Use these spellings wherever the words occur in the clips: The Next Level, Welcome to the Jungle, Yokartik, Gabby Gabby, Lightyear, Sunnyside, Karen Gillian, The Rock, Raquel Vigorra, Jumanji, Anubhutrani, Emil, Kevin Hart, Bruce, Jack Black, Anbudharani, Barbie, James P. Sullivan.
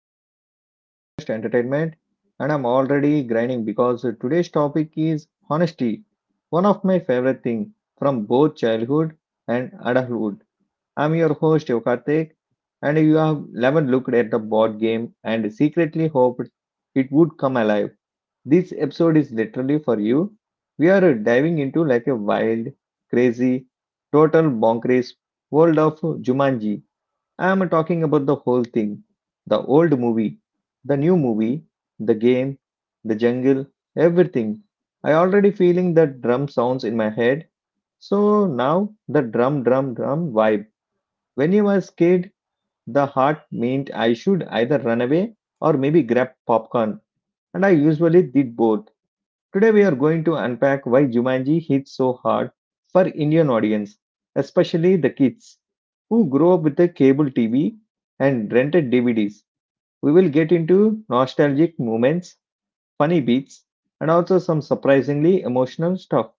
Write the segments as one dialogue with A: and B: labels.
A: episode of our podcast Entertainment. And I'm already grinding because today's topic is honesty, one of my favorite thing from both childhood and adulthood. I'm your host Yokartik, and you have haven't looked at the board game and secretly hoped it would come alive. This episode is literally for you. We are diving into like a wild, crazy, total bonkers world of Jumanji. I'm talking about the whole thing, the old movie, the new movie, the game, the jungle, everything. I already feeling the drum sounds in my head. So now the drum, drum, drum vibe. When I was kid, the heart meant I should either run away or maybe grab popcorn, and I usually did both. Today, we are going to unpack why Jumanji hit so hard for Indian audience, especially the kids who grew up with the cable TV and rented DVDs. We will get into nostalgic moments, funny beats, and also some surprisingly emotional stuff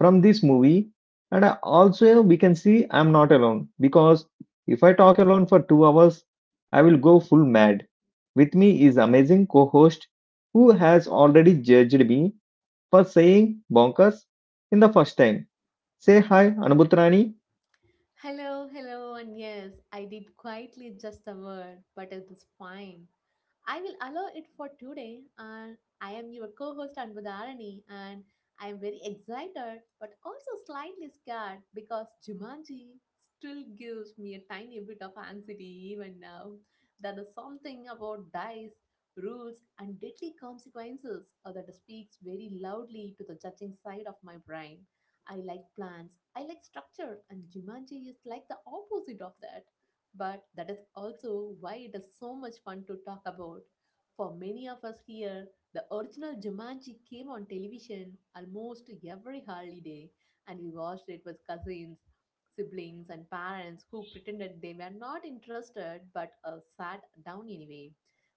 A: from this movie. Also, we can see I'm not alone because if I talk alone for 2 hours, I will go full mad. With me is amazing co-host who has already judged me for saying bonkers in the first time. Say hi, Anubhutrani.
B: Hello, hello, and yes, I did quietly just a word, but it is fine. I will allow it for today. And I am your co host Anbudharani, and I am very excited but also slightly scared because Jumanji still gives me a tiny bit of anxiety even now. There is something about dice, rules, and deadly consequences that speaks very loudly to the judging side of my brain. I like plans, I like structure, and Jumanji is like the opposite of that. But that is also why it is so much fun to talk about. For many of us here, the original Jumanji came on television almost every holiday, and we watched it with cousins, siblings, and parents who pretended they were not interested but sat down anyway.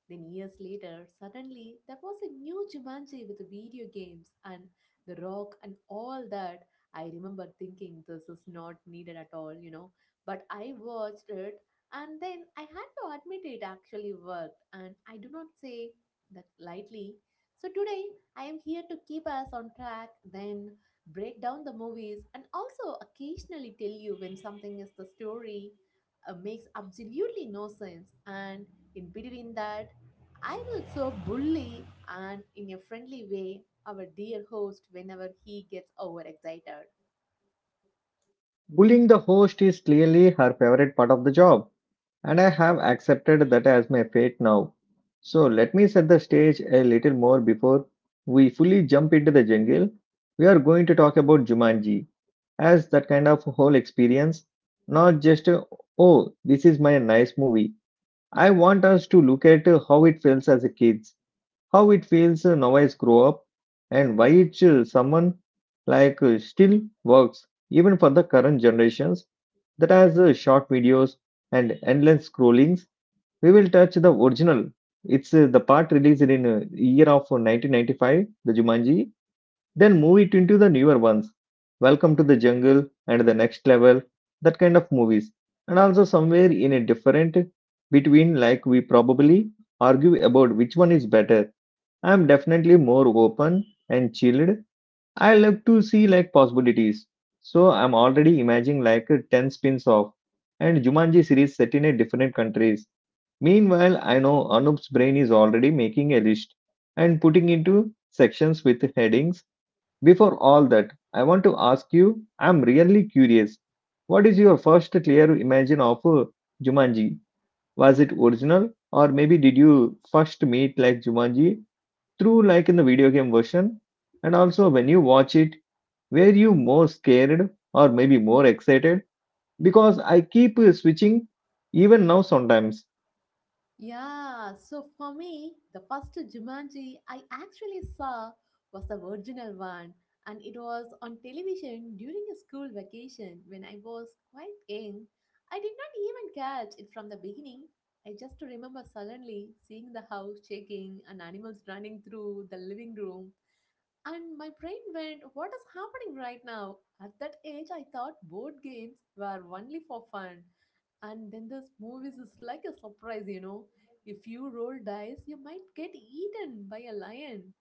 B: Then, years later, suddenly there was a new Jumanji with video games and The Rock and all that. I remember thinking this is not needed at all, but I watched it, and then I had to admit it actually worked, and I do not say that lightly. So today I am here to keep us on track, then break down the movies, and also occasionally tell you when something is the story makes absolutely no sense. And in between that, I will so bully and in a friendly way our dear host whenever he gets overexcited.
A: Bullying the host is clearly her favorite part of the job, and I have accepted that as my fate now. So let me set the stage a little more before we fully jump into the jungle. We are going to talk about Jumanji as that kind of whole experience, not just, oh, this is my nice movie. I want us to look at how it feels as a kids, how it feels novice grow up, and why it someone like still works even for the current generations that has short videos and endless scrollings. We will touch the original. It's The part released in year of 1995, the jumanji. Then move it into the newer ones, welcome to the jungle and the next level, that kind of movies. And also somewhere in a different between, like, we probably argue about which one is better. I'm definitely more open and chilled. I love to see like possibilities. So I'm already imagining like a 10 spins off and Jumanji series set in a different countries. Meanwhile, I know Anup's brain is already making a list and putting into sections with headings. Before all that, I want to ask you, I'm really curious. What is your first clear imagine of Jumanji? Was it original, or maybe did you first meet like Jumanji through like in the video game version? And also, when you watch it, were you more scared or maybe more excited? Because I keep switching even now sometimes.
B: Yeah, so for me, the first Jumanji I actually saw was the original one, and it was on television during a school vacation when I was quite young. I did not even catch it from the beginning. I just remember suddenly seeing the house shaking and animals running through the living room. And my brain went, what is happening right now? At that age, I thought board games were only for fun, and then this movies is like a surprise. If you roll dice, you might get eaten by a lion.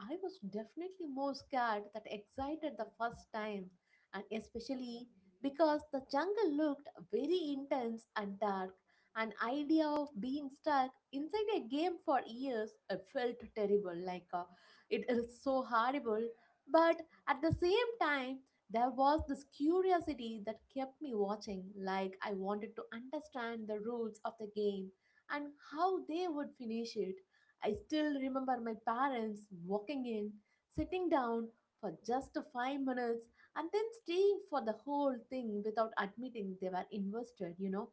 B: I was definitely more scared than excited the first time, and especially because the jungle looked very intense and dark. An idea of being stuck inside a game for years felt terrible, it is so horrible. But at the same time, there was this curiosity that kept me watching, like I wanted to understand the rules of the game and how they would finish it. I still remember my parents walking in, sitting down for just 5 minutes, and then staying for the whole thing without admitting they were invested, you know.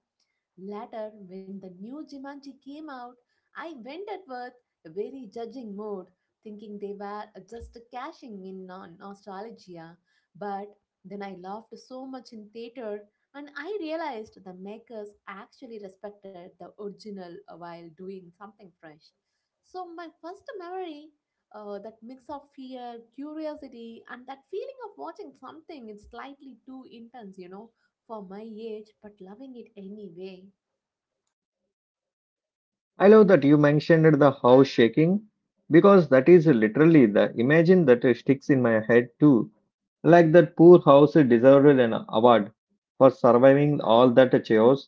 B: Later, when the new Jumanji came out, I went at with a very judging mode, thinking they were just cashing in on nostalgia. But then I laughed so much in theater, and I realized the makers actually respected the original while doing something fresh. So my first memory, that mix of fear, curiosity, and that feeling of watching something is slightly too intense, you know, for my age, but loving it anyway.
A: I love that you mentioned the house shaking because that is literally the imagine that sticks in my head too. Like that poor house deserved an award for surviving all that chaos.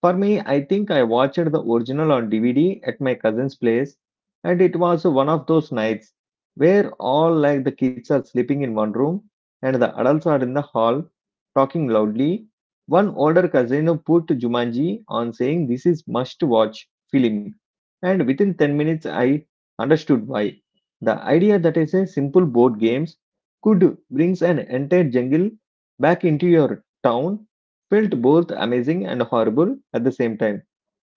A: For me, I think I watched the original on DVD at my cousin's place, and it was one of those nights where all like the kids are sleeping in one room and the adults are in the hall talking loudly. One older cousin put Jumanji on saying this is must watch film, and within 10 minutes I understood why. The idea that is a simple board games could brings an entire jungle back into your town felt both amazing and horrible at the same time.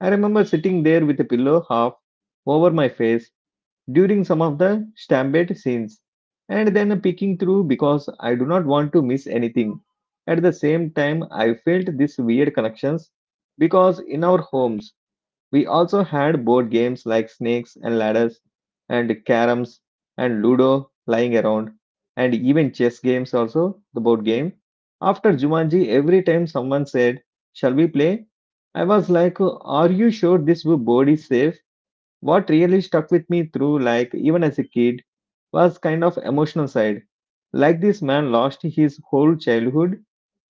A: I remember sitting there with a pillow half over my face, during some of the stampede scenes and then peeking through because I do not want to miss anything. At the same time, I felt this weird connections because in our homes we also had board games like snakes and ladders and caroms and ludo lying around and even chess games also the board game. After Jumanji, every time someone said, "Shall we play?" I was like, "Are you sure this board is safe?" What really stuck with me through, like, even as a kid, was kind of emotional side. Like, this man lost his whole childhood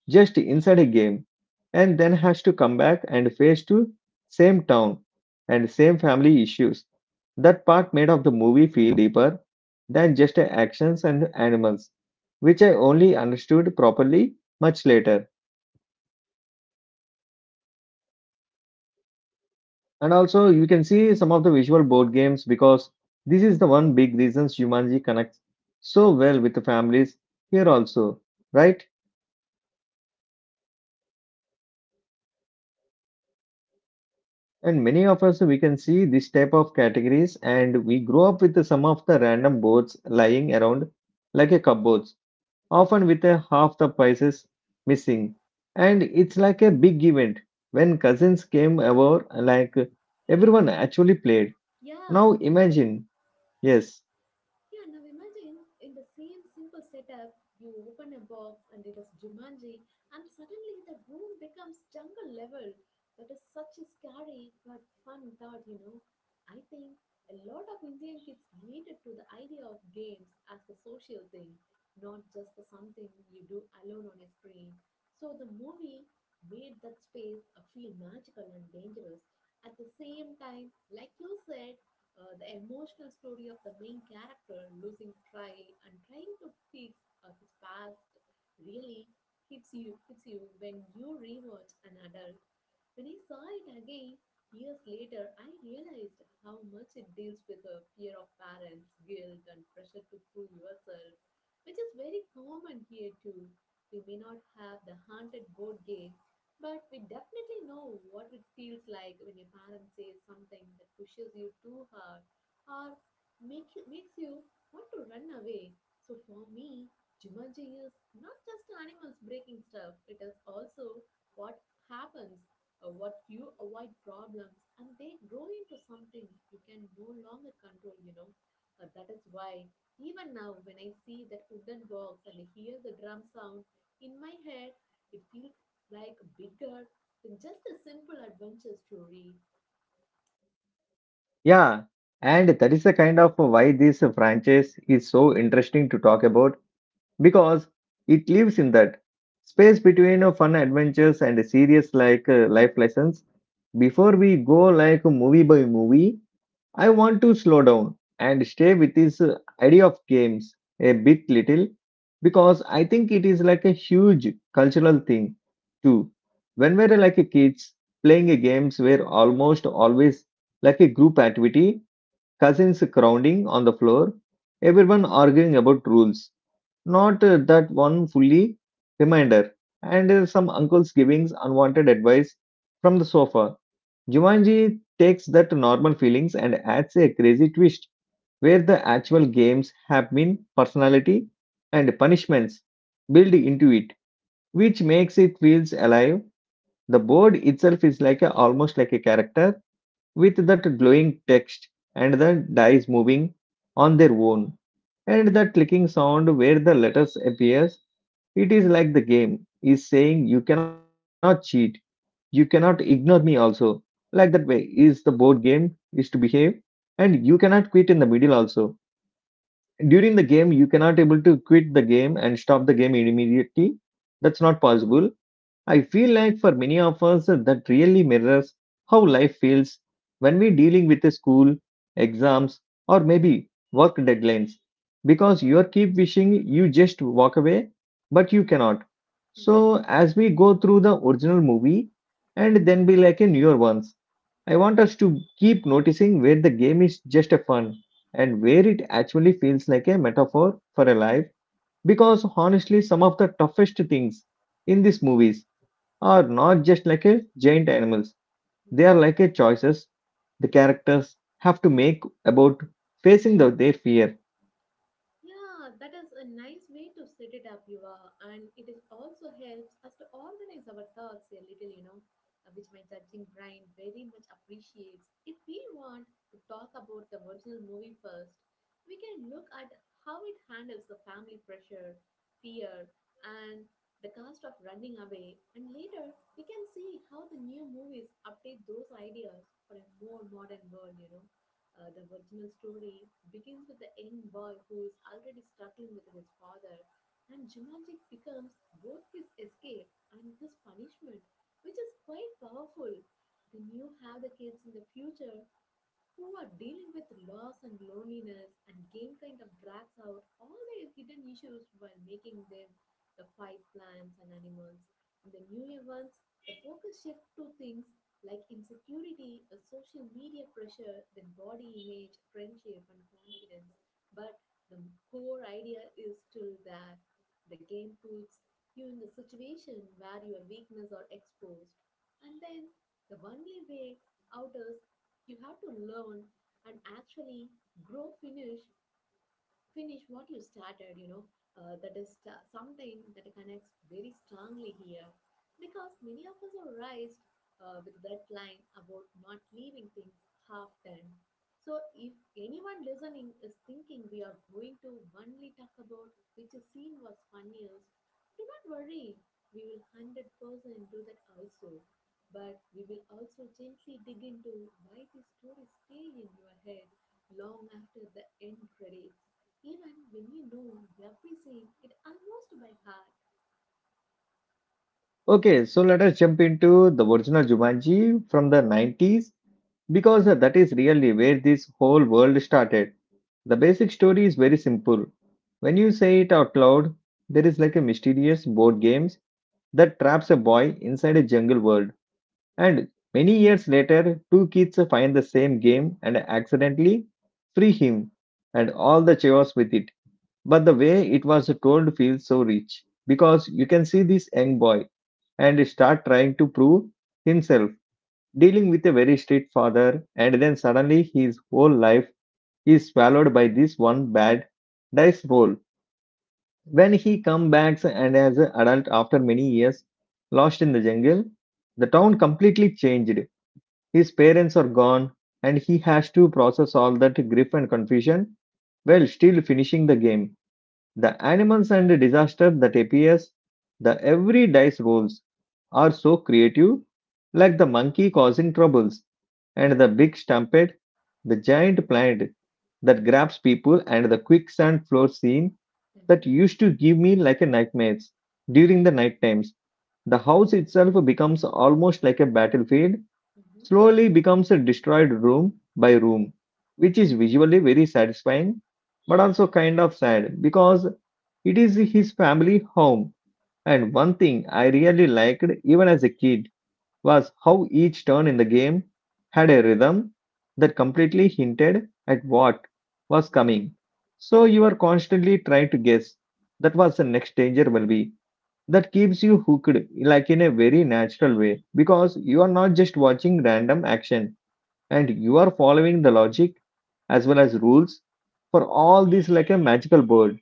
A: just inside a game and then has to come back and face to same town and same family issues. That part made of the movie feel deeper than just actions and animals, which I only understood properly much later. And also, you can see some of the visual board games because this is the one big reason Jumanji connects so well with the families here also, right? And many of us we can see this type of categories, and we grow up with some of the random boards lying around like a cupboards, often with a half the prices missing. And it's like a big event when cousins came over, like everyone actually played. Now imagine, yes. Yeah, and that is the kind of why this franchise is so interesting to talk about because it lives in that space between fun adventures and serious like life lessons. Before we go like movie by movie, I want to slow down and stay with this idea of games a bit little because I think it is like a huge cultural thing too. When we are like kids, playing games were almost always like a group activity, cousins crowding on the floor, everyone arguing about rules, not that one fully reminder, and some uncles giving unwanted advice from the sofa. Jumanji takes that normal feelings and adds a crazy twist where the actual games have been personality and punishments built into it, which makes it feels alive. The board itself is like a, almost like a character with that glowing text and the dice moving on their own and that clicking sound where the letters appears. It is like the game is saying you cannot cheat, you cannot ignore me also, like that way is the board game is to behave. And you cannot quit in the middle also. During the game you cannot able to quit the game and stop the game immediately. That's not possible. I feel like for many of us, that really mirrors how life feels when we're dealing with a school, exams, or maybe work deadlines. Because you keep wishing you just walk away, but you cannot. So, as we go through the original movie and then be like a newer ones, I want us to keep noticing where the game is just a fun and where it actually feels like a metaphor for a life. Because honestly, some of the toughest things in these movies are not just like a giant animals. They are like a choices the characters have to make about facing the, their fear. Okay, so let us jump into the original Jumanji from the 90s because that is really where this whole world started. The basic story is very simple. When you say it out loud, there is like a mysterious board games that traps a boy inside a jungle world. And many years later, two kids find the same game and accidentally free him and all the chaos with it. But the way it was told feels so rich because you can see this young boy and start trying to prove himself, dealing with a very strict father, and then suddenly his whole life is swallowed by this one bad dice roll. When he comes back and as an adult after many years lost in the jungle, the town completely changed, his parents are gone, and he has to process all that grief and confusion while still finishing the game. The animals and disaster that appears, the every dice rolls are so creative, like the monkey causing troubles, and the big stampede, the giant plant that grabs people, and the quicksand floor scene that used to give me like a nightmares during the night times. The house itself becomes almost like a battlefield, slowly becomes a destroyed room by room, which is visually very satisfying but also kind of sad because it is his family home. And one thing I really liked even as a kid was how each turn in the game had a rhythm that completely hinted at what was coming. So you are constantly trying to guess that was the next danger will be. That keeps you hooked like in a very natural way because you are not just watching random action and you are following the logic as well as rules for all these like a magical bird.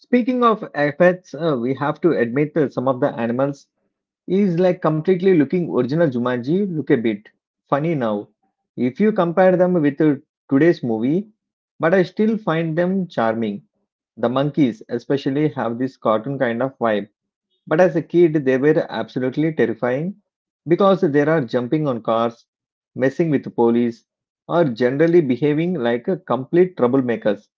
A: Speaking of effects, we have to admit that some of the animals is like completely looking original Jumanji look a bit funny now. If you compare them with today's movie, but I still find them charming. The monkeys especially have this cartoon kind of vibe. But as a kid, they were absolutely terrifying because they are jumping on cars, messing with the police, or generally behaving like a complete troublemakers.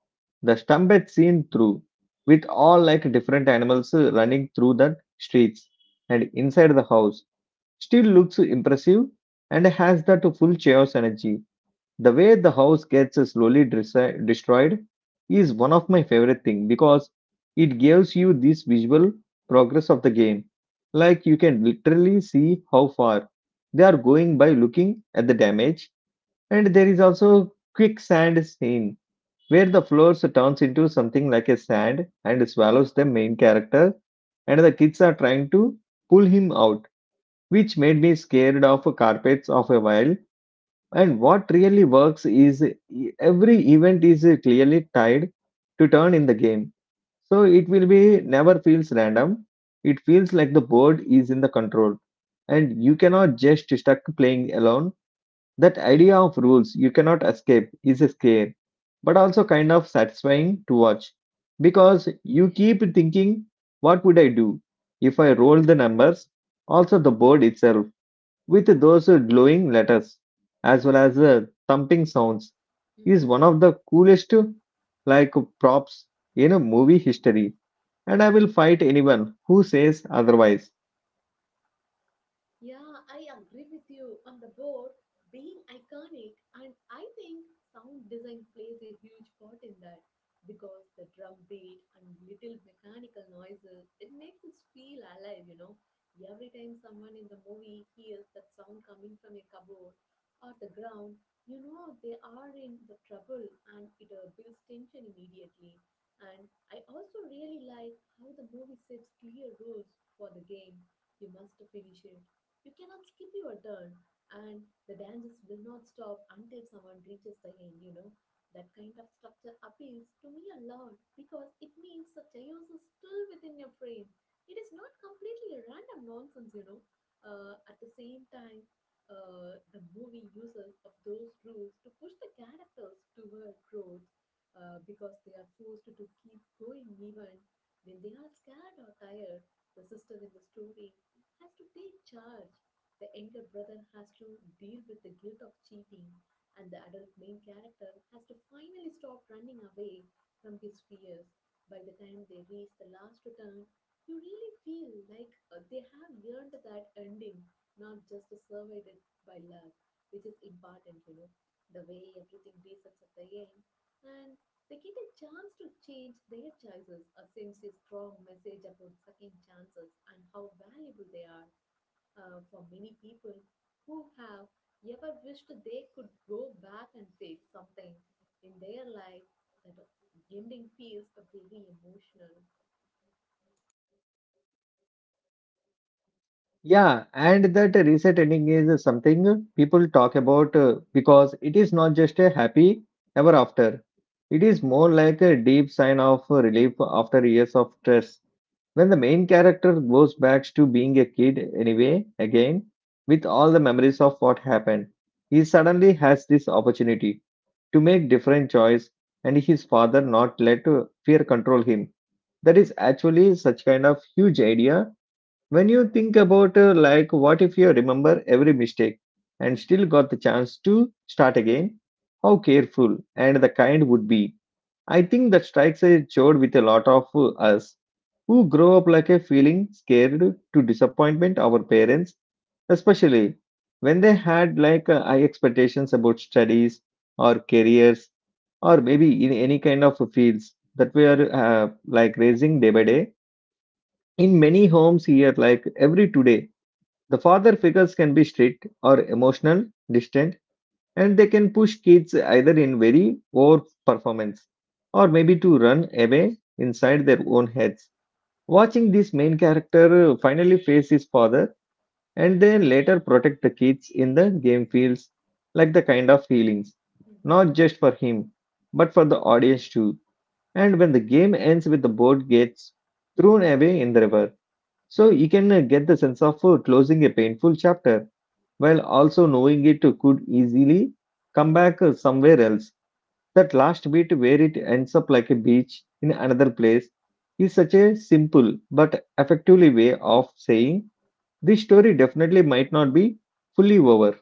A: The stump had seen through, with all like different animals running through the streets and inside the house, still looks impressive and has that full chaos energy. The way the house gets slowly destroyed is one of my favorite thing, because it gives you this visual progress of the game. Like you can literally see how far they are going by looking at the damage. And there is also quick sand scene where the floors turns into something like a sand and swallows the main character, and the kids are trying to pull him out, which made me scared of carpets of a while. And what really works is every event is clearly tied to turn in the game. So it will be never feels random. It feels like the board is in the control. And you cannot just stuck playing alone. That idea of rules you cannot escape is scary, but also kind of satisfying to watch. Because you keep thinking, what would I do if I roll the numbers? Also, the board itself, with those glowing letters as well as the thumping sounds, is one of the coolest like props in a movie history, and I will fight anyone who says otherwise. Yeah, and that reset ending is something people talk about, because it is not just a happy ever after. It is more like a deep sign of relief after years of stress. When the main character goes back to being a kid anyway, again, with all the memories of what happened, he suddenly has this opportunity to make different choice, and his father not let fear control him. That is actually such kind of huge idea when you think about, like what if you remember every mistake and still got the chance to start again, how careful and the kind would be. I think that strikes a chord with a lot of us who grow up like a feeling scared to disappointment our parents, especially when they had like high expectations about studies or careers, or maybe in any kind of fields that we are, like raising day by day in many homes here like every today. The father figures can be strict or emotional, distant, and they can push kids either in very over performance or maybe to run away inside their own heads. Watching this main character finally face his father and then later protect the kids in the game, feels like the kind of feelings, not just for him, but for the audience too. And when the game ends with the boat gets thrown away in the river, so you can get the sense of closing a painful chapter, while also knowing it could easily come back somewhere else. That last bit where it ends up like a beach in another place is such a simple but effectively way of saying this story definitely might not be fully over.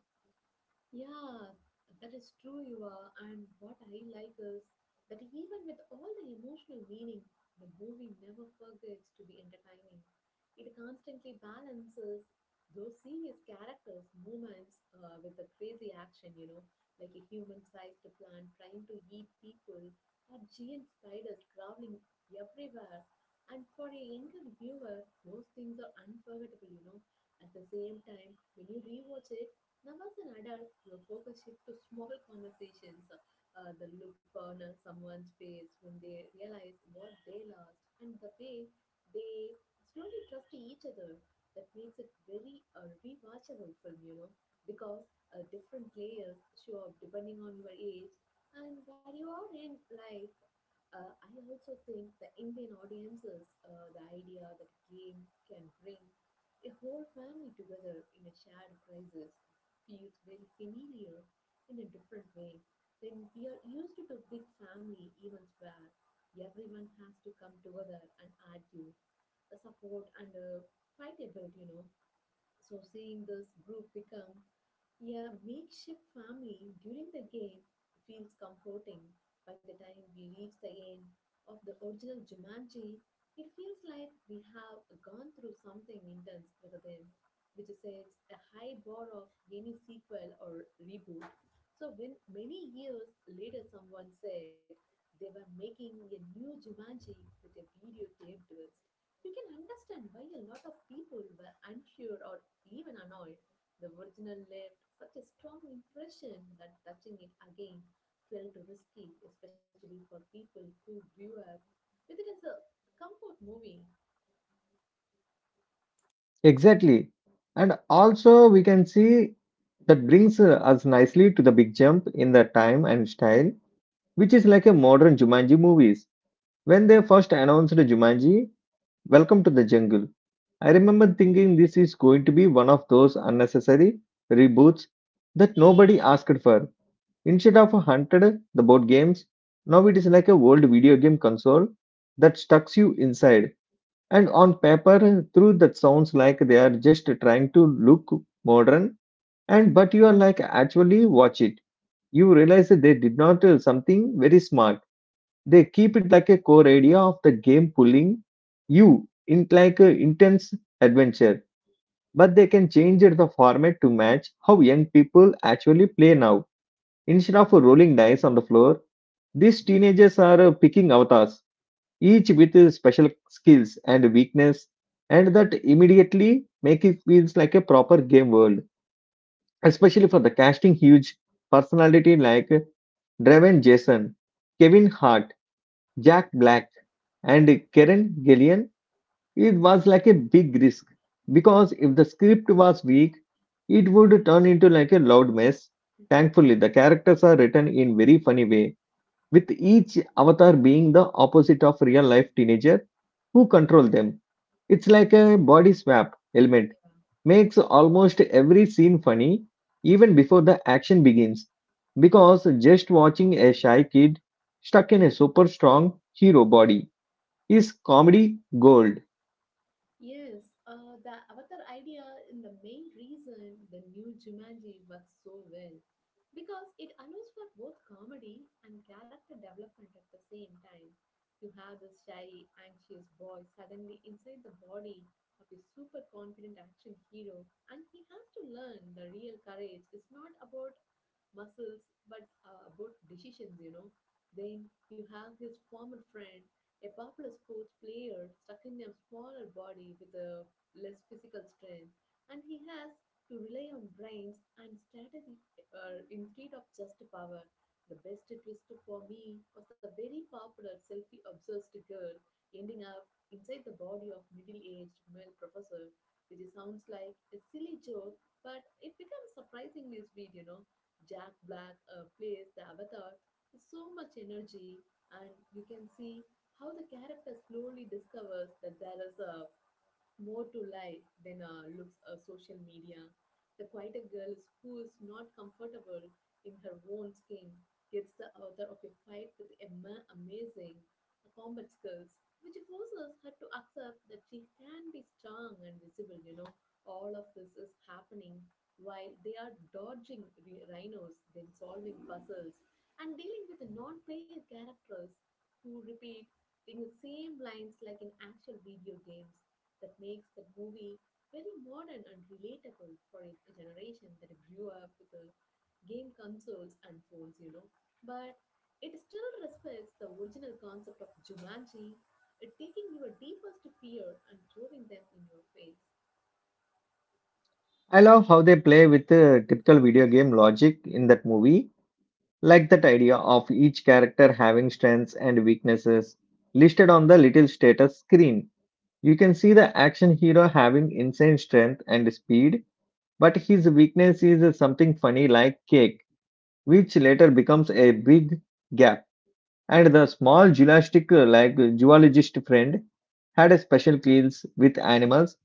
A: Exactly. And also, we can see that brings us nicely to the big jump in the time and style, which is like a modern Jumanji movies. When they first announced Jumanji, Welcome to the jungle. I remember thinking this is going to be one of those unnecessary reboots that nobody asked for. Instead of a hundred the board games, now it is like a old video game console that stucks you inside. And on paper, through that sounds like they are just trying to look modern, and but you are like actually watch it, you realize that they did not tell something very smart. They keep it like a core idea of the game, pulling you in like an intense adventure. But they can change it the format to match how young people actually play now. Instead of rolling dice on the floor, these teenagers are, picking avatars, each with special skills and weakness, and that immediately make it feels like a proper game world, especially for the casting huge personality like Draven Jason, Kevin Hart, Jack Black, and Karen Gillian. It was like a big risk, because if the script was weak, it would turn into like a loud mess. Thankfully, the characters are written in very funny way, with each avatar being the opposite of real life teenager who control them. It's like a body swap element makes almost every scene funny even before the action begins, because just watching a shy kid stuck in a super strong hero body is comedy gold. I love how they play with the typical video game logic in that movie, like that idea of each character having strengths and weaknesses listed on the little status screen. You can see the action hero having insane strength and speed, but his weakness is something funny like cake, which later becomes a big gap. And the small geologistic, geologist friend, had a special skills with animals,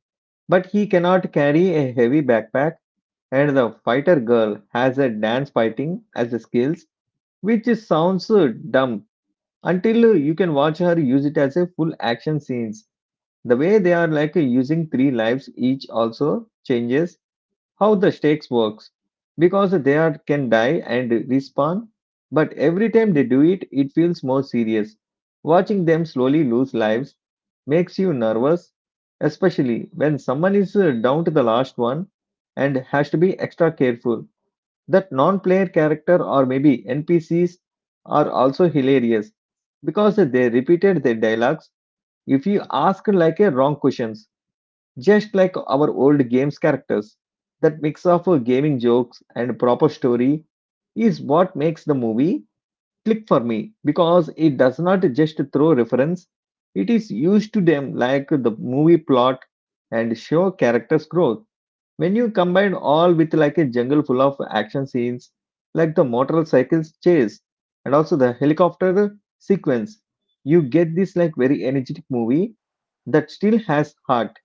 A: but he cannot carry a heavy backpack. And the fighter girl has a dance fighting as a skills, which sounds dumb until you can watch her use it as a full action scenes. The way they are like using three lives each also changes how the stakes works, because they are can die and respawn, but every time they do it, it feels more serious. Watching them slowly lose lives makes you nervous, especially when someone is, down to the last one and has to be extra careful. That non-player character, or maybe NPCs, are also hilarious because they repeated their dialogues if you ask like a wrong questions, just like our old games characters. That mix of gaming jokes and proper story is what makes the movie click for me, because it does not just throw reference, it is used to them like the movie plot and show characters' growth. When you combine all with like a jungle full of action scenes, like the motorcycles chase and also the helicopter sequence, you get this like very energetic movie that still has heart.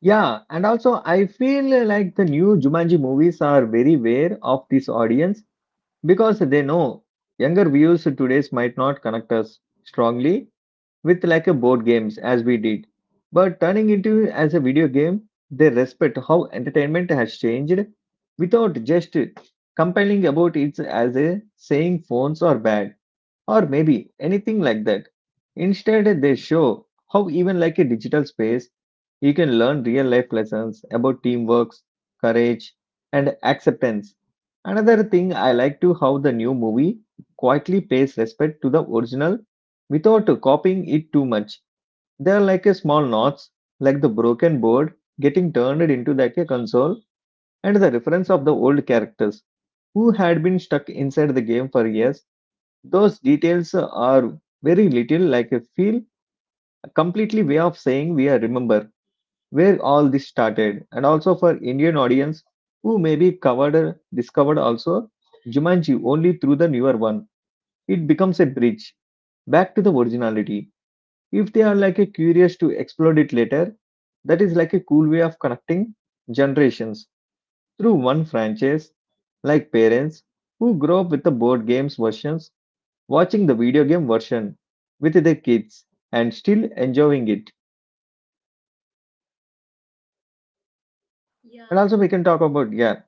A: Yeah, and also I feel like the new Jumanji movies are very aware of this audience, because they know younger viewers today's might not connect us strongly with like a board games as we did. But turning into as a video game, they respect how entertainment has changed without just complaining about it as a saying phones are bad or maybe anything like that. Instead, they show how even like a digital space, you can learn real life lessons about teamwork, courage, and acceptance. Another thing I like to how the new movie quietly pays respect to the original without copying it too much. They're like a small knots, like the broken board getting turned into like a console, and the reference of the old characters who had been stuck inside the game for years. Those details are very little like a feel a completely way of saying we are remember where all this started. And also for Indian audience who maybe covered discovered also Jumanji only through the newer one. It becomes a bridge back to the originality. If they are like a curious to explore it later, that is like a cool way of connecting generations through one franchise, like parents who grow up with the board games versions watching the video game version with their kids and still enjoying it. And also we can talk about, yeah,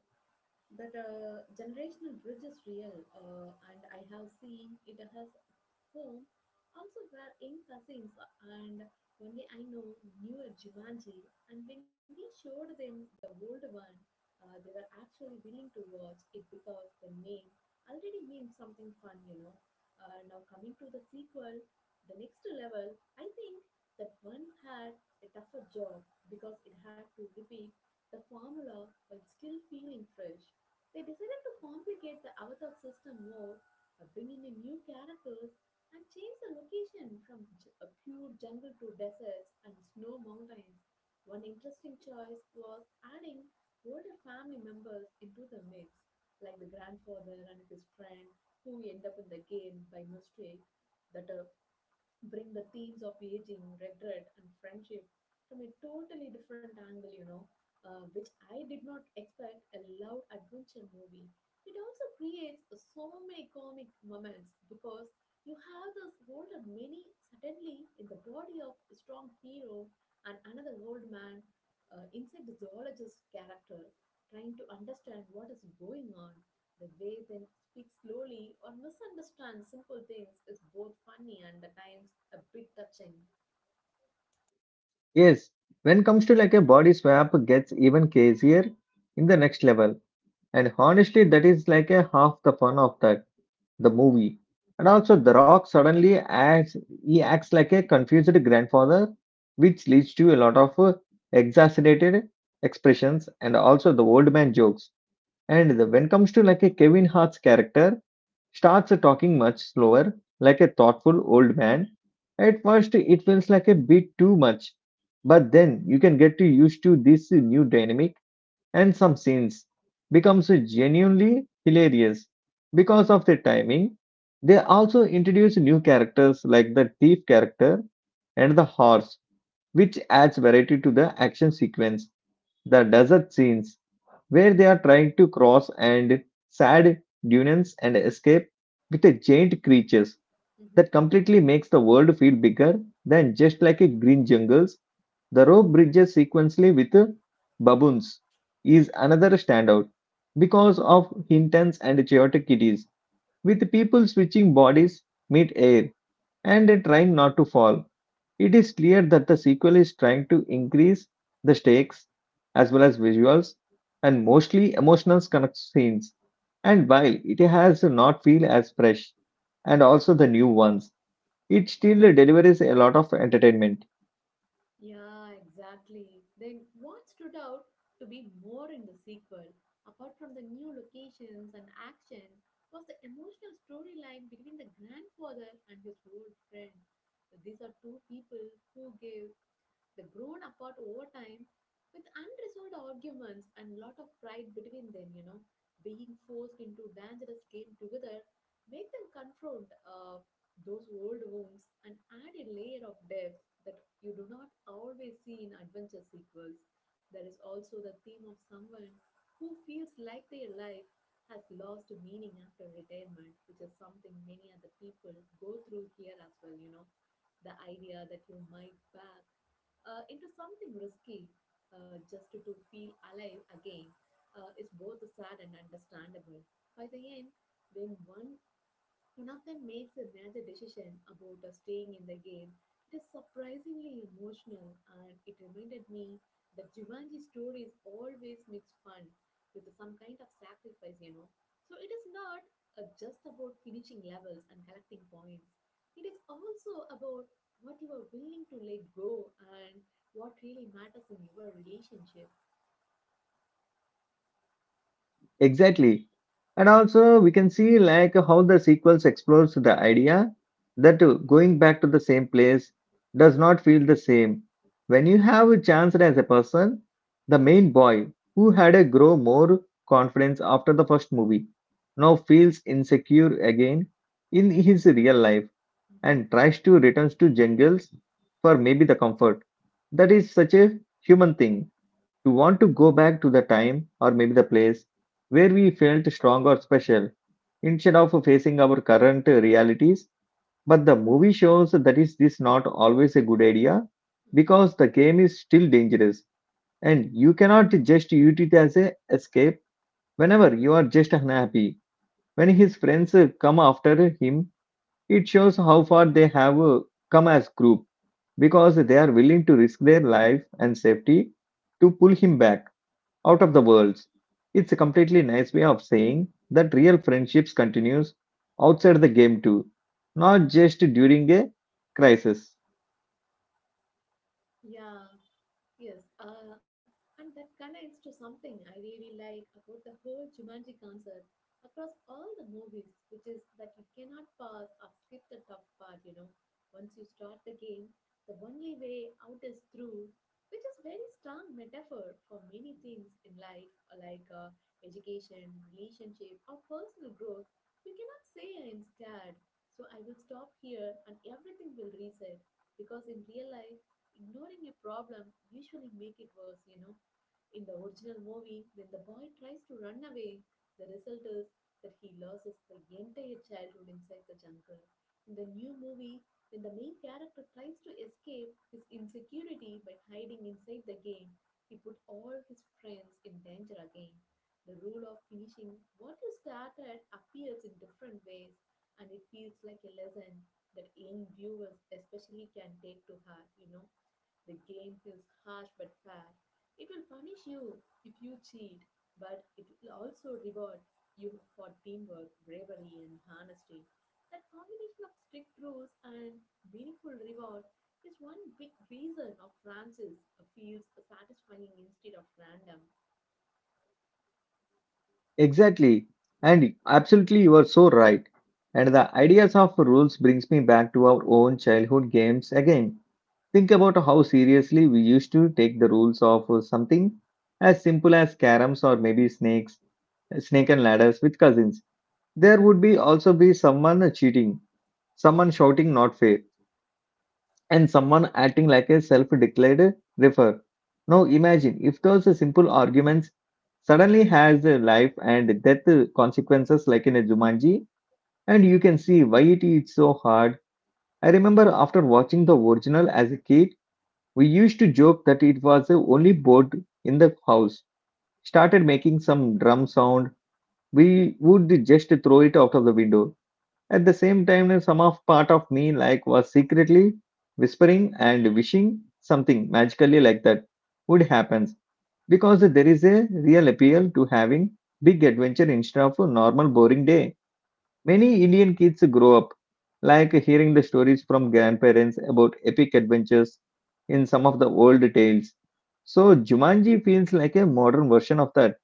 A: yes. When comes to like a body swap gets even crazier in the next level. And honestly, that is like a half the fun of that the movie. And also The Rock suddenly acts, he acts like a confused grandfather, which leads to a lot of exaggerated expressions and also the old man jokes. When comes to like a Kevin Hart's character, starts talking much slower, like a thoughtful old man. At first, it feels like a bit too much, but then you can get used to this new dynamic, and some scenes becomes genuinely hilarious because of the timing. They also introduce new characters like the thief character and the horse, which adds variety to the action sequence. The desert scenes where they are trying to cross and sad dunes and escape with the giant creatures, that completely makes the world feel bigger than just like a green jungles. The rope bridges sequentially with baboons is another standout because of intense and chaotic kitties, with people switching bodies mid-air and trying not to fall. It is clear that the sequel is trying to increase the stakes as well as visuals and mostly emotional connect scenes. And while it has not feel as fresh and also the new ones, it still delivers a lot of entertainment. Exactly. And also, we can see like how the sequels explores the idea that going back to the same place does not feel the same. When you have a chance as a person, the main boy who had a grow more confidence after the first movie now feels insecure again in his real life and tries to returns to jungles for maybe the comfort. That is such a human thing. You want to go back to the time, or maybe the place, where we felt strong or special, instead of facing our current realities. But the movie shows that is this not always a good idea because the game is still dangerous and you cannot just use it as a escape whenever you are just unhappy. When his friends come after him, it shows how far they have come as group because they are willing to risk their life and safety to pull him back out of the worlds. It's a completely nice way of saying that real friendships continues outside the game too, not just during a crisis. Exactly. And absolutely you are so right. And the ideas of rules brings me back to our own childhood games again. Think about how seriously we used to take the rules of something as simple as caroms or maybe snakes, snake and ladders with cousins. There would be also be someone cheating, someone shouting not fair, and someone acting like a self declared refer. Now imagine if those simple arguments suddenly has a life and death consequences like in a Jumanji, and you can see why it is so hard. I remember after watching the original as a kid, we used to joke that it was the only board in the house. Started making some drum sound, we would just throw it out of the window. At the same time, some of part of me like was secretly whispering and wishing something magically like that would happen because there is a real appeal to having big adventure instead of a normal boring day. Many Indian kids grow up like hearing the stories from grandparents about epic adventures in some of the old tales. So Jumanji feels like a modern version of that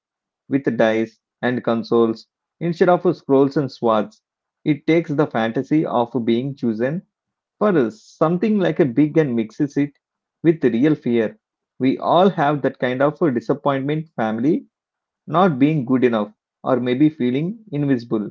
A: with dice and consoles instead of scrolls and swords. It takes the fantasy of being chosen for something like a big and mixes it with real fear. We all have that kind of a disappointment, family not being good enough, or maybe feeling invisible.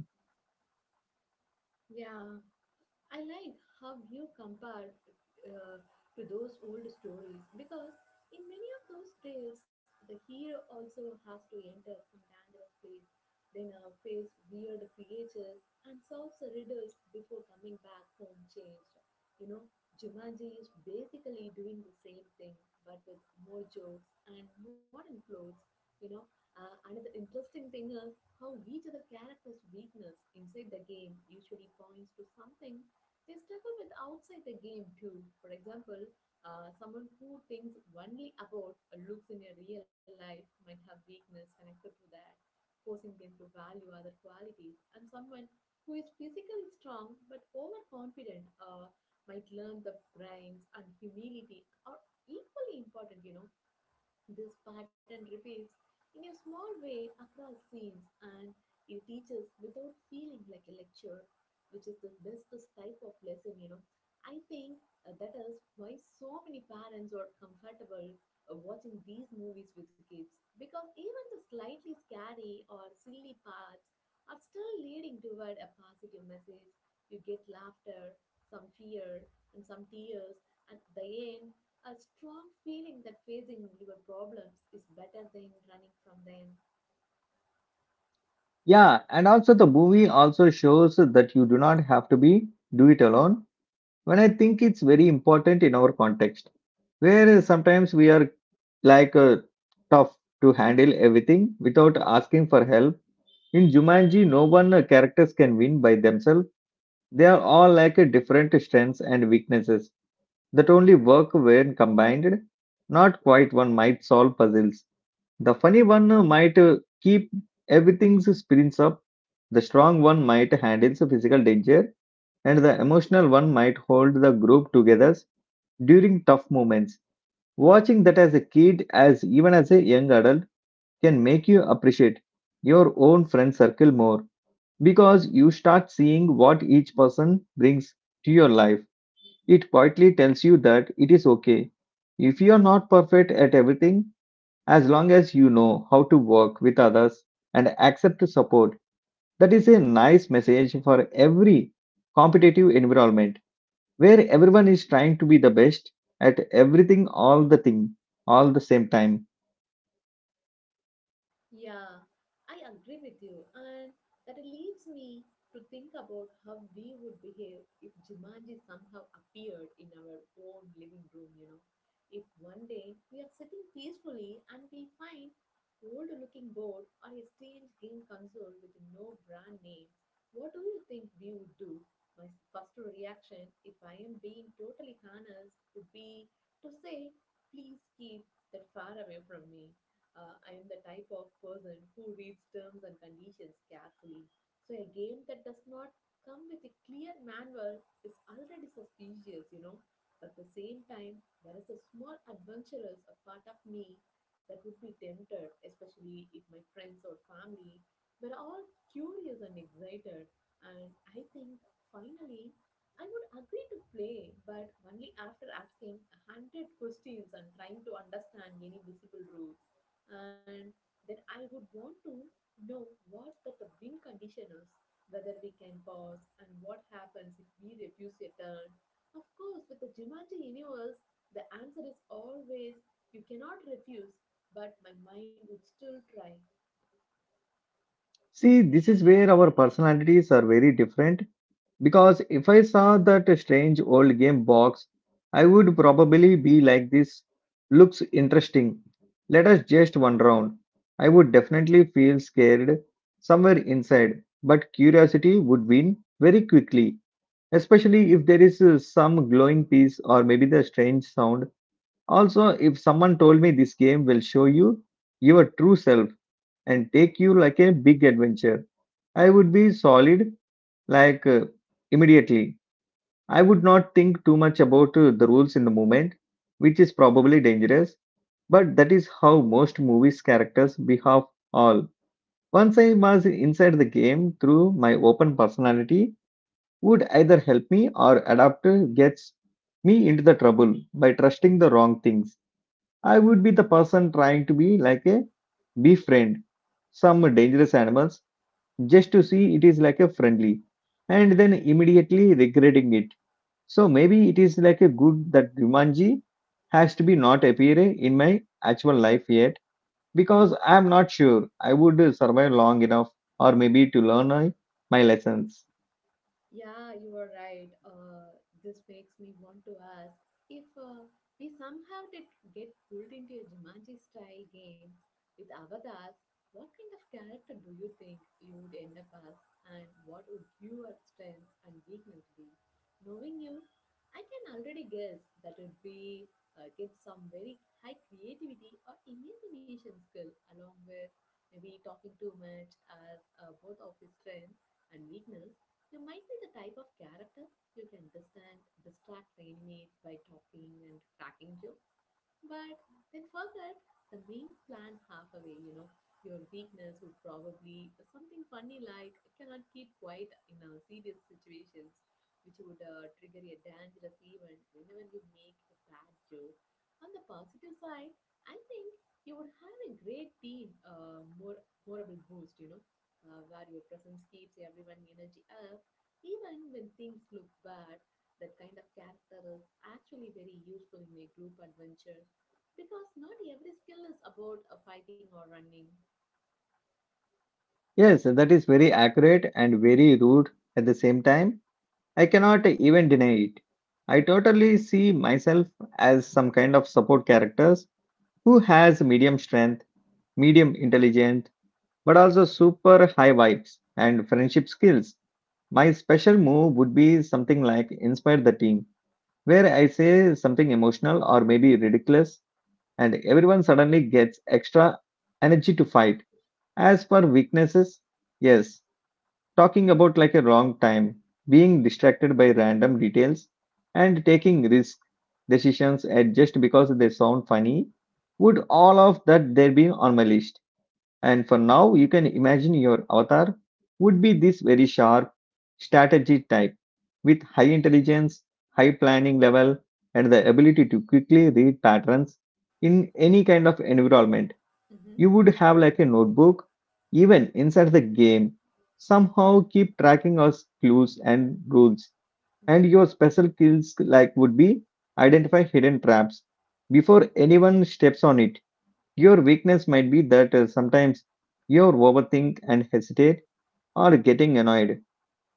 A: Yeah, and also the movie also shows that you do not have to be do it alone. When I think it's very important in our context where sometimes we are like tough to handle everything without asking for help. In Jumanji, no one characters can win by themselves. They are all like different strengths and weaknesses that only work when combined. Not quite one might solve puzzles. The funny one might keep everything's spirits up. The strong one might handle the physical danger, and the emotional one might hold the group together during tough moments. Watching that as a kid, as even as a young adult, can make you appreciate your own friend circle more because you start seeing what each person brings to your life. It quietly tells you that it is okay if you are not perfect at everything, as long as you know how to work with others and accept support. That is a nice message for every competitive environment where everyone is trying to be the best at everything all the thing all the same time. See, this is where our personalities are very different because if I saw that strange old game box, I would probably be like this. Looks interesting. Let us just one round. I would definitely feel scared somewhere inside, but curiosity would win very quickly, especially if there is some glowing piece or maybe the strange sound. Also, if someone told me this game will show you your true self, and take you like a big adventure. I would be solid like immediately. I would not think too much about the rules in the moment, which is probably dangerous, but that is how most movies characters behave all. Once I was inside the game through my open personality would either help me or adapt gets me into the trouble by trusting the wrong things. I would be the person trying to be like a befriend some dangerous animals just to see it is like a friendly and then immediately regretting it. So maybe it is like a good that Jumanji has to be not appear in my actual life yet because I am not sure I would survive long enough or maybe to learn my lessons. Yes, that is very accurate and very rude at the same time. I cannot even deny it. I totally see myself as some kind of support characters who has medium strength, medium intelligence but also super high vibes and friendship skills. My special move would be something like inspire the team, where I say something emotional or maybe ridiculous, and everyone suddenly gets extra energy to fight. As for weaknesses, yes, talking about like a wrong time, being distracted by random details, and taking risk decisions at just because they sound funny, would all of that there be on my list? And for now, you can imagine your avatar would be this very sharp, strategy type with high intelligence, high planning level, and the ability to quickly read patterns in any kind of environment. You would have like a notebook, even inside the game, somehow keep tracking of clues and rules. And your special skills like would be identify hidden traps before anyone steps on it your weakness might be that sometimes you overthink and hesitate or getting annoyed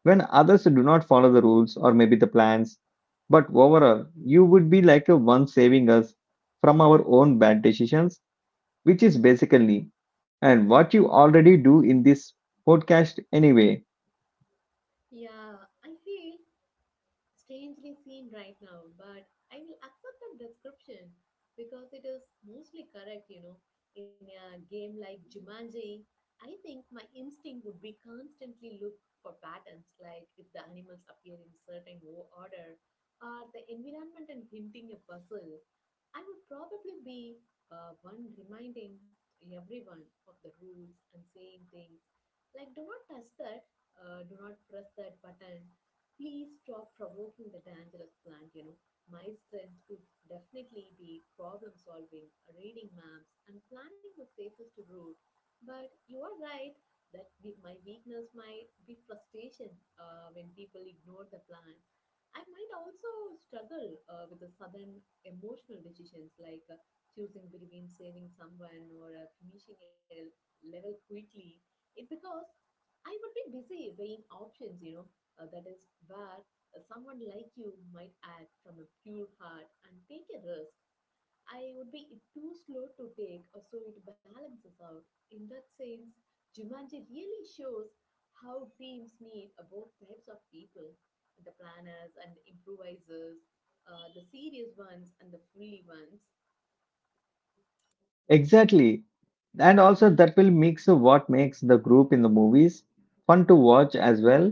A: when others do not follow the rules or maybe the plans. But overall, you would be like a one saving us from our own bad decisions, which is basically and what you already do in this podcast anyway. Exactly. And also, that will mix what makes the group in the movies fun to watch as well.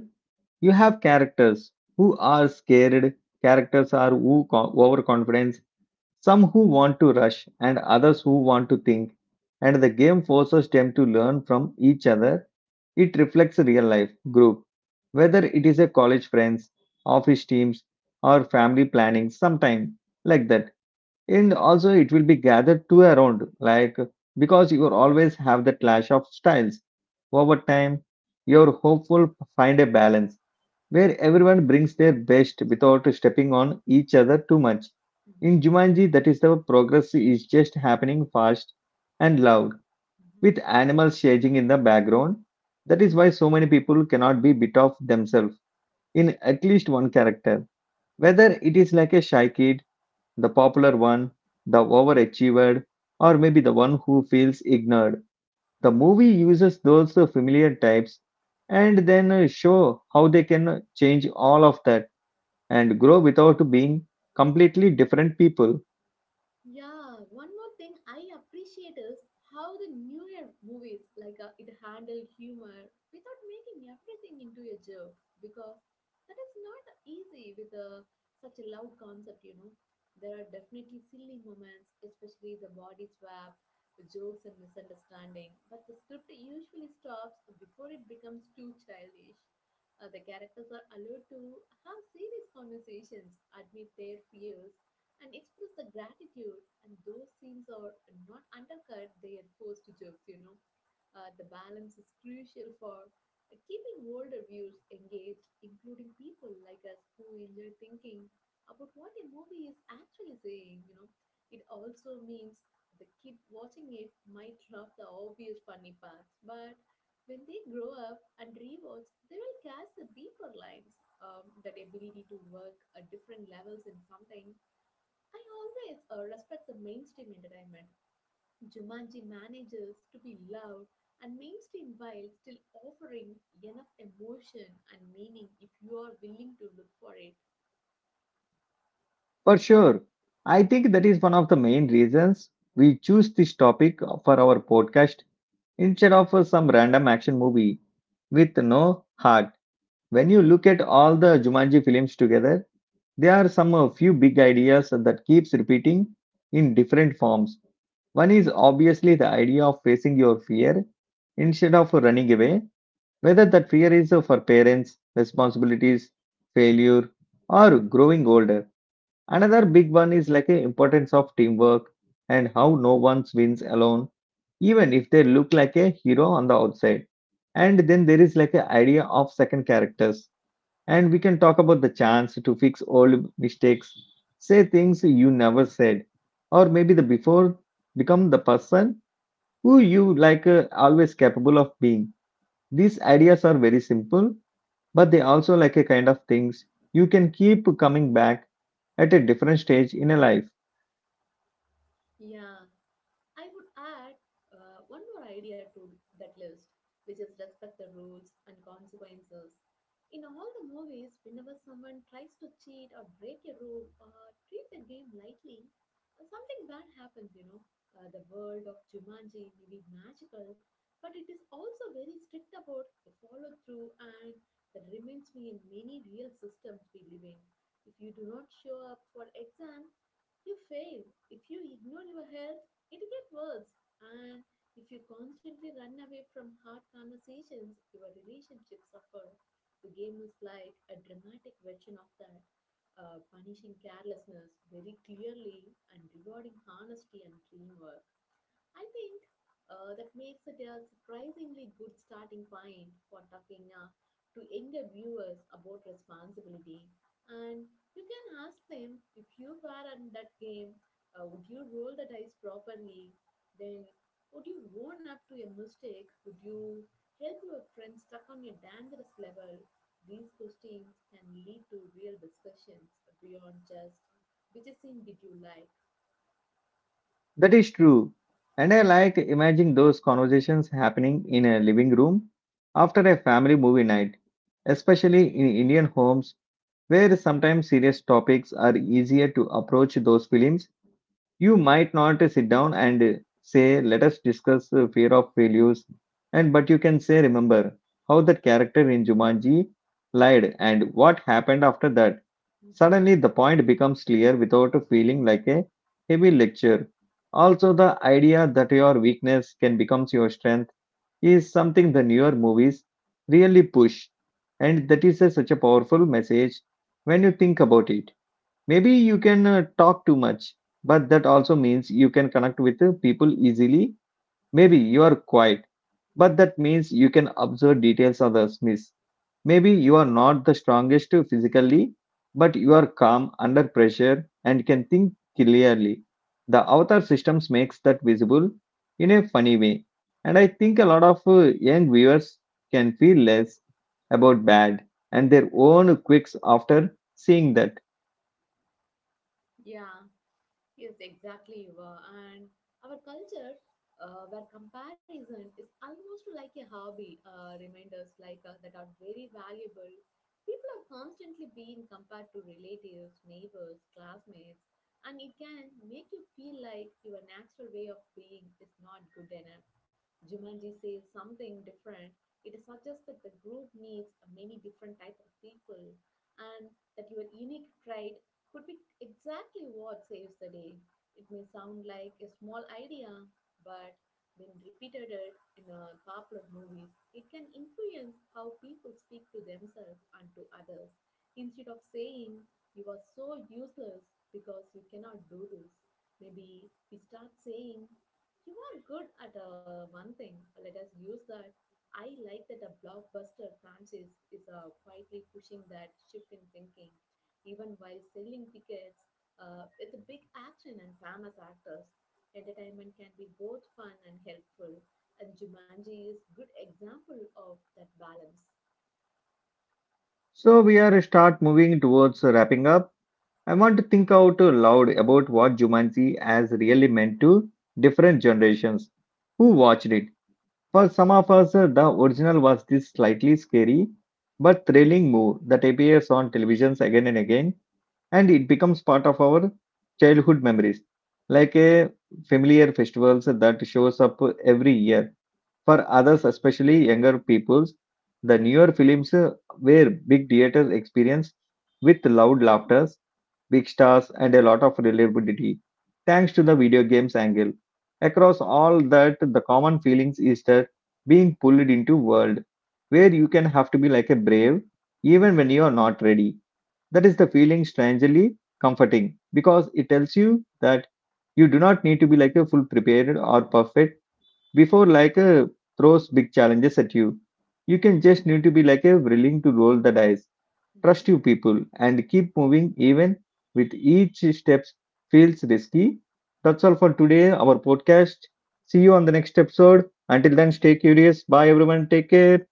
A: You have characters who are scared, characters are who overconfident, some who want to rush, and others who want to think. And the game forces them to learn from each other. It reflects real life group, whether it is a college friends, office teams, or family planning, sometime like that. And also, it will be gathered to around like because you will always have the clash of styles. Over time, your hopeful find a balance where everyone brings their best without stepping on each other too much. In Jumanji, that is the progress is just happening fast and loud, with animals changing in the background. That is why so many people cannot be bit of themselves in at least one character. Whether it is like a shy kid, the popular one, the overachiever, or maybe the one who feels ignored. The movie uses those familiar types and then show how they can change all of that and grow without being completely different people. For sure. I think that is one of the main reasons we choose this topic for our podcast instead of some random action movie with no heart. When you look at all the Jumanji films together, there are some few big ideas that keeps repeating in different forms. One is obviously the idea of facing your fear instead of running away. Whether that fear is for parents, responsibilities, failure, or growing older. Another big one is like the importance of teamwork and how no one wins alone, even if they look like a hero on the outside. And then there is like the idea of second characters. And we can talk about the chance to fix old mistakes, say things you never said, or maybe the before become the person who you like always capable of being. These ideas are very simple but they also like a kind of things you can keep coming back at a different stage in a life. That is true. And I like imagining those conversations happening in a living room after a family movie night, especially in Indian homes where sometimes serious topics are easier to approach those films. You might not sit down and say, let us discuss fear of failures, and but you can say, remember how that character in Jumanji lied and what happened after that. Suddenly, the point becomes clear without feeling like a heavy lecture. Also, the idea that your weakness can become your strength is something the newer movies really push, and that is such a powerful message when you think about it. Maybe you can talk too much, but that also means you can connect with people easily. Maybe you are quiet, but that means you can observe details others miss. Maybe you are not the strongest physically, but you are calm under pressure and can think clearly. The avatar systems makes that visible in a funny way. And I think a lot of young viewers can feel less about bad and their own quirks after seeing that. So we are start moving towards wrapping up. I want to think out loud about what Jumanji has really meant to different generations who watched it. For some of us, the original was this slightly scary but thrilling move that appears on televisions again and again, and it becomes part of our childhood memories, like a familiar festivals that shows up every year. For others, especially younger peoples, the newer films were big theater experience with loud laughters, big stars, and a lot of reliability, thanks to the video games angle. Across all that, the common feelings is that being pulled into world where you can have to be like a brave, even when you are not ready. That is the feeling strangely comforting because it tells you that you do not need to be like a full prepared or perfect before like throws big challenges at you. You can just need to be like a willing to roll the dice, trust you people, and keep moving even with each steps feels risky. That's all for today, our podcast. See you on the next episode. Until then, stay curious. Bye, everyone. Take care.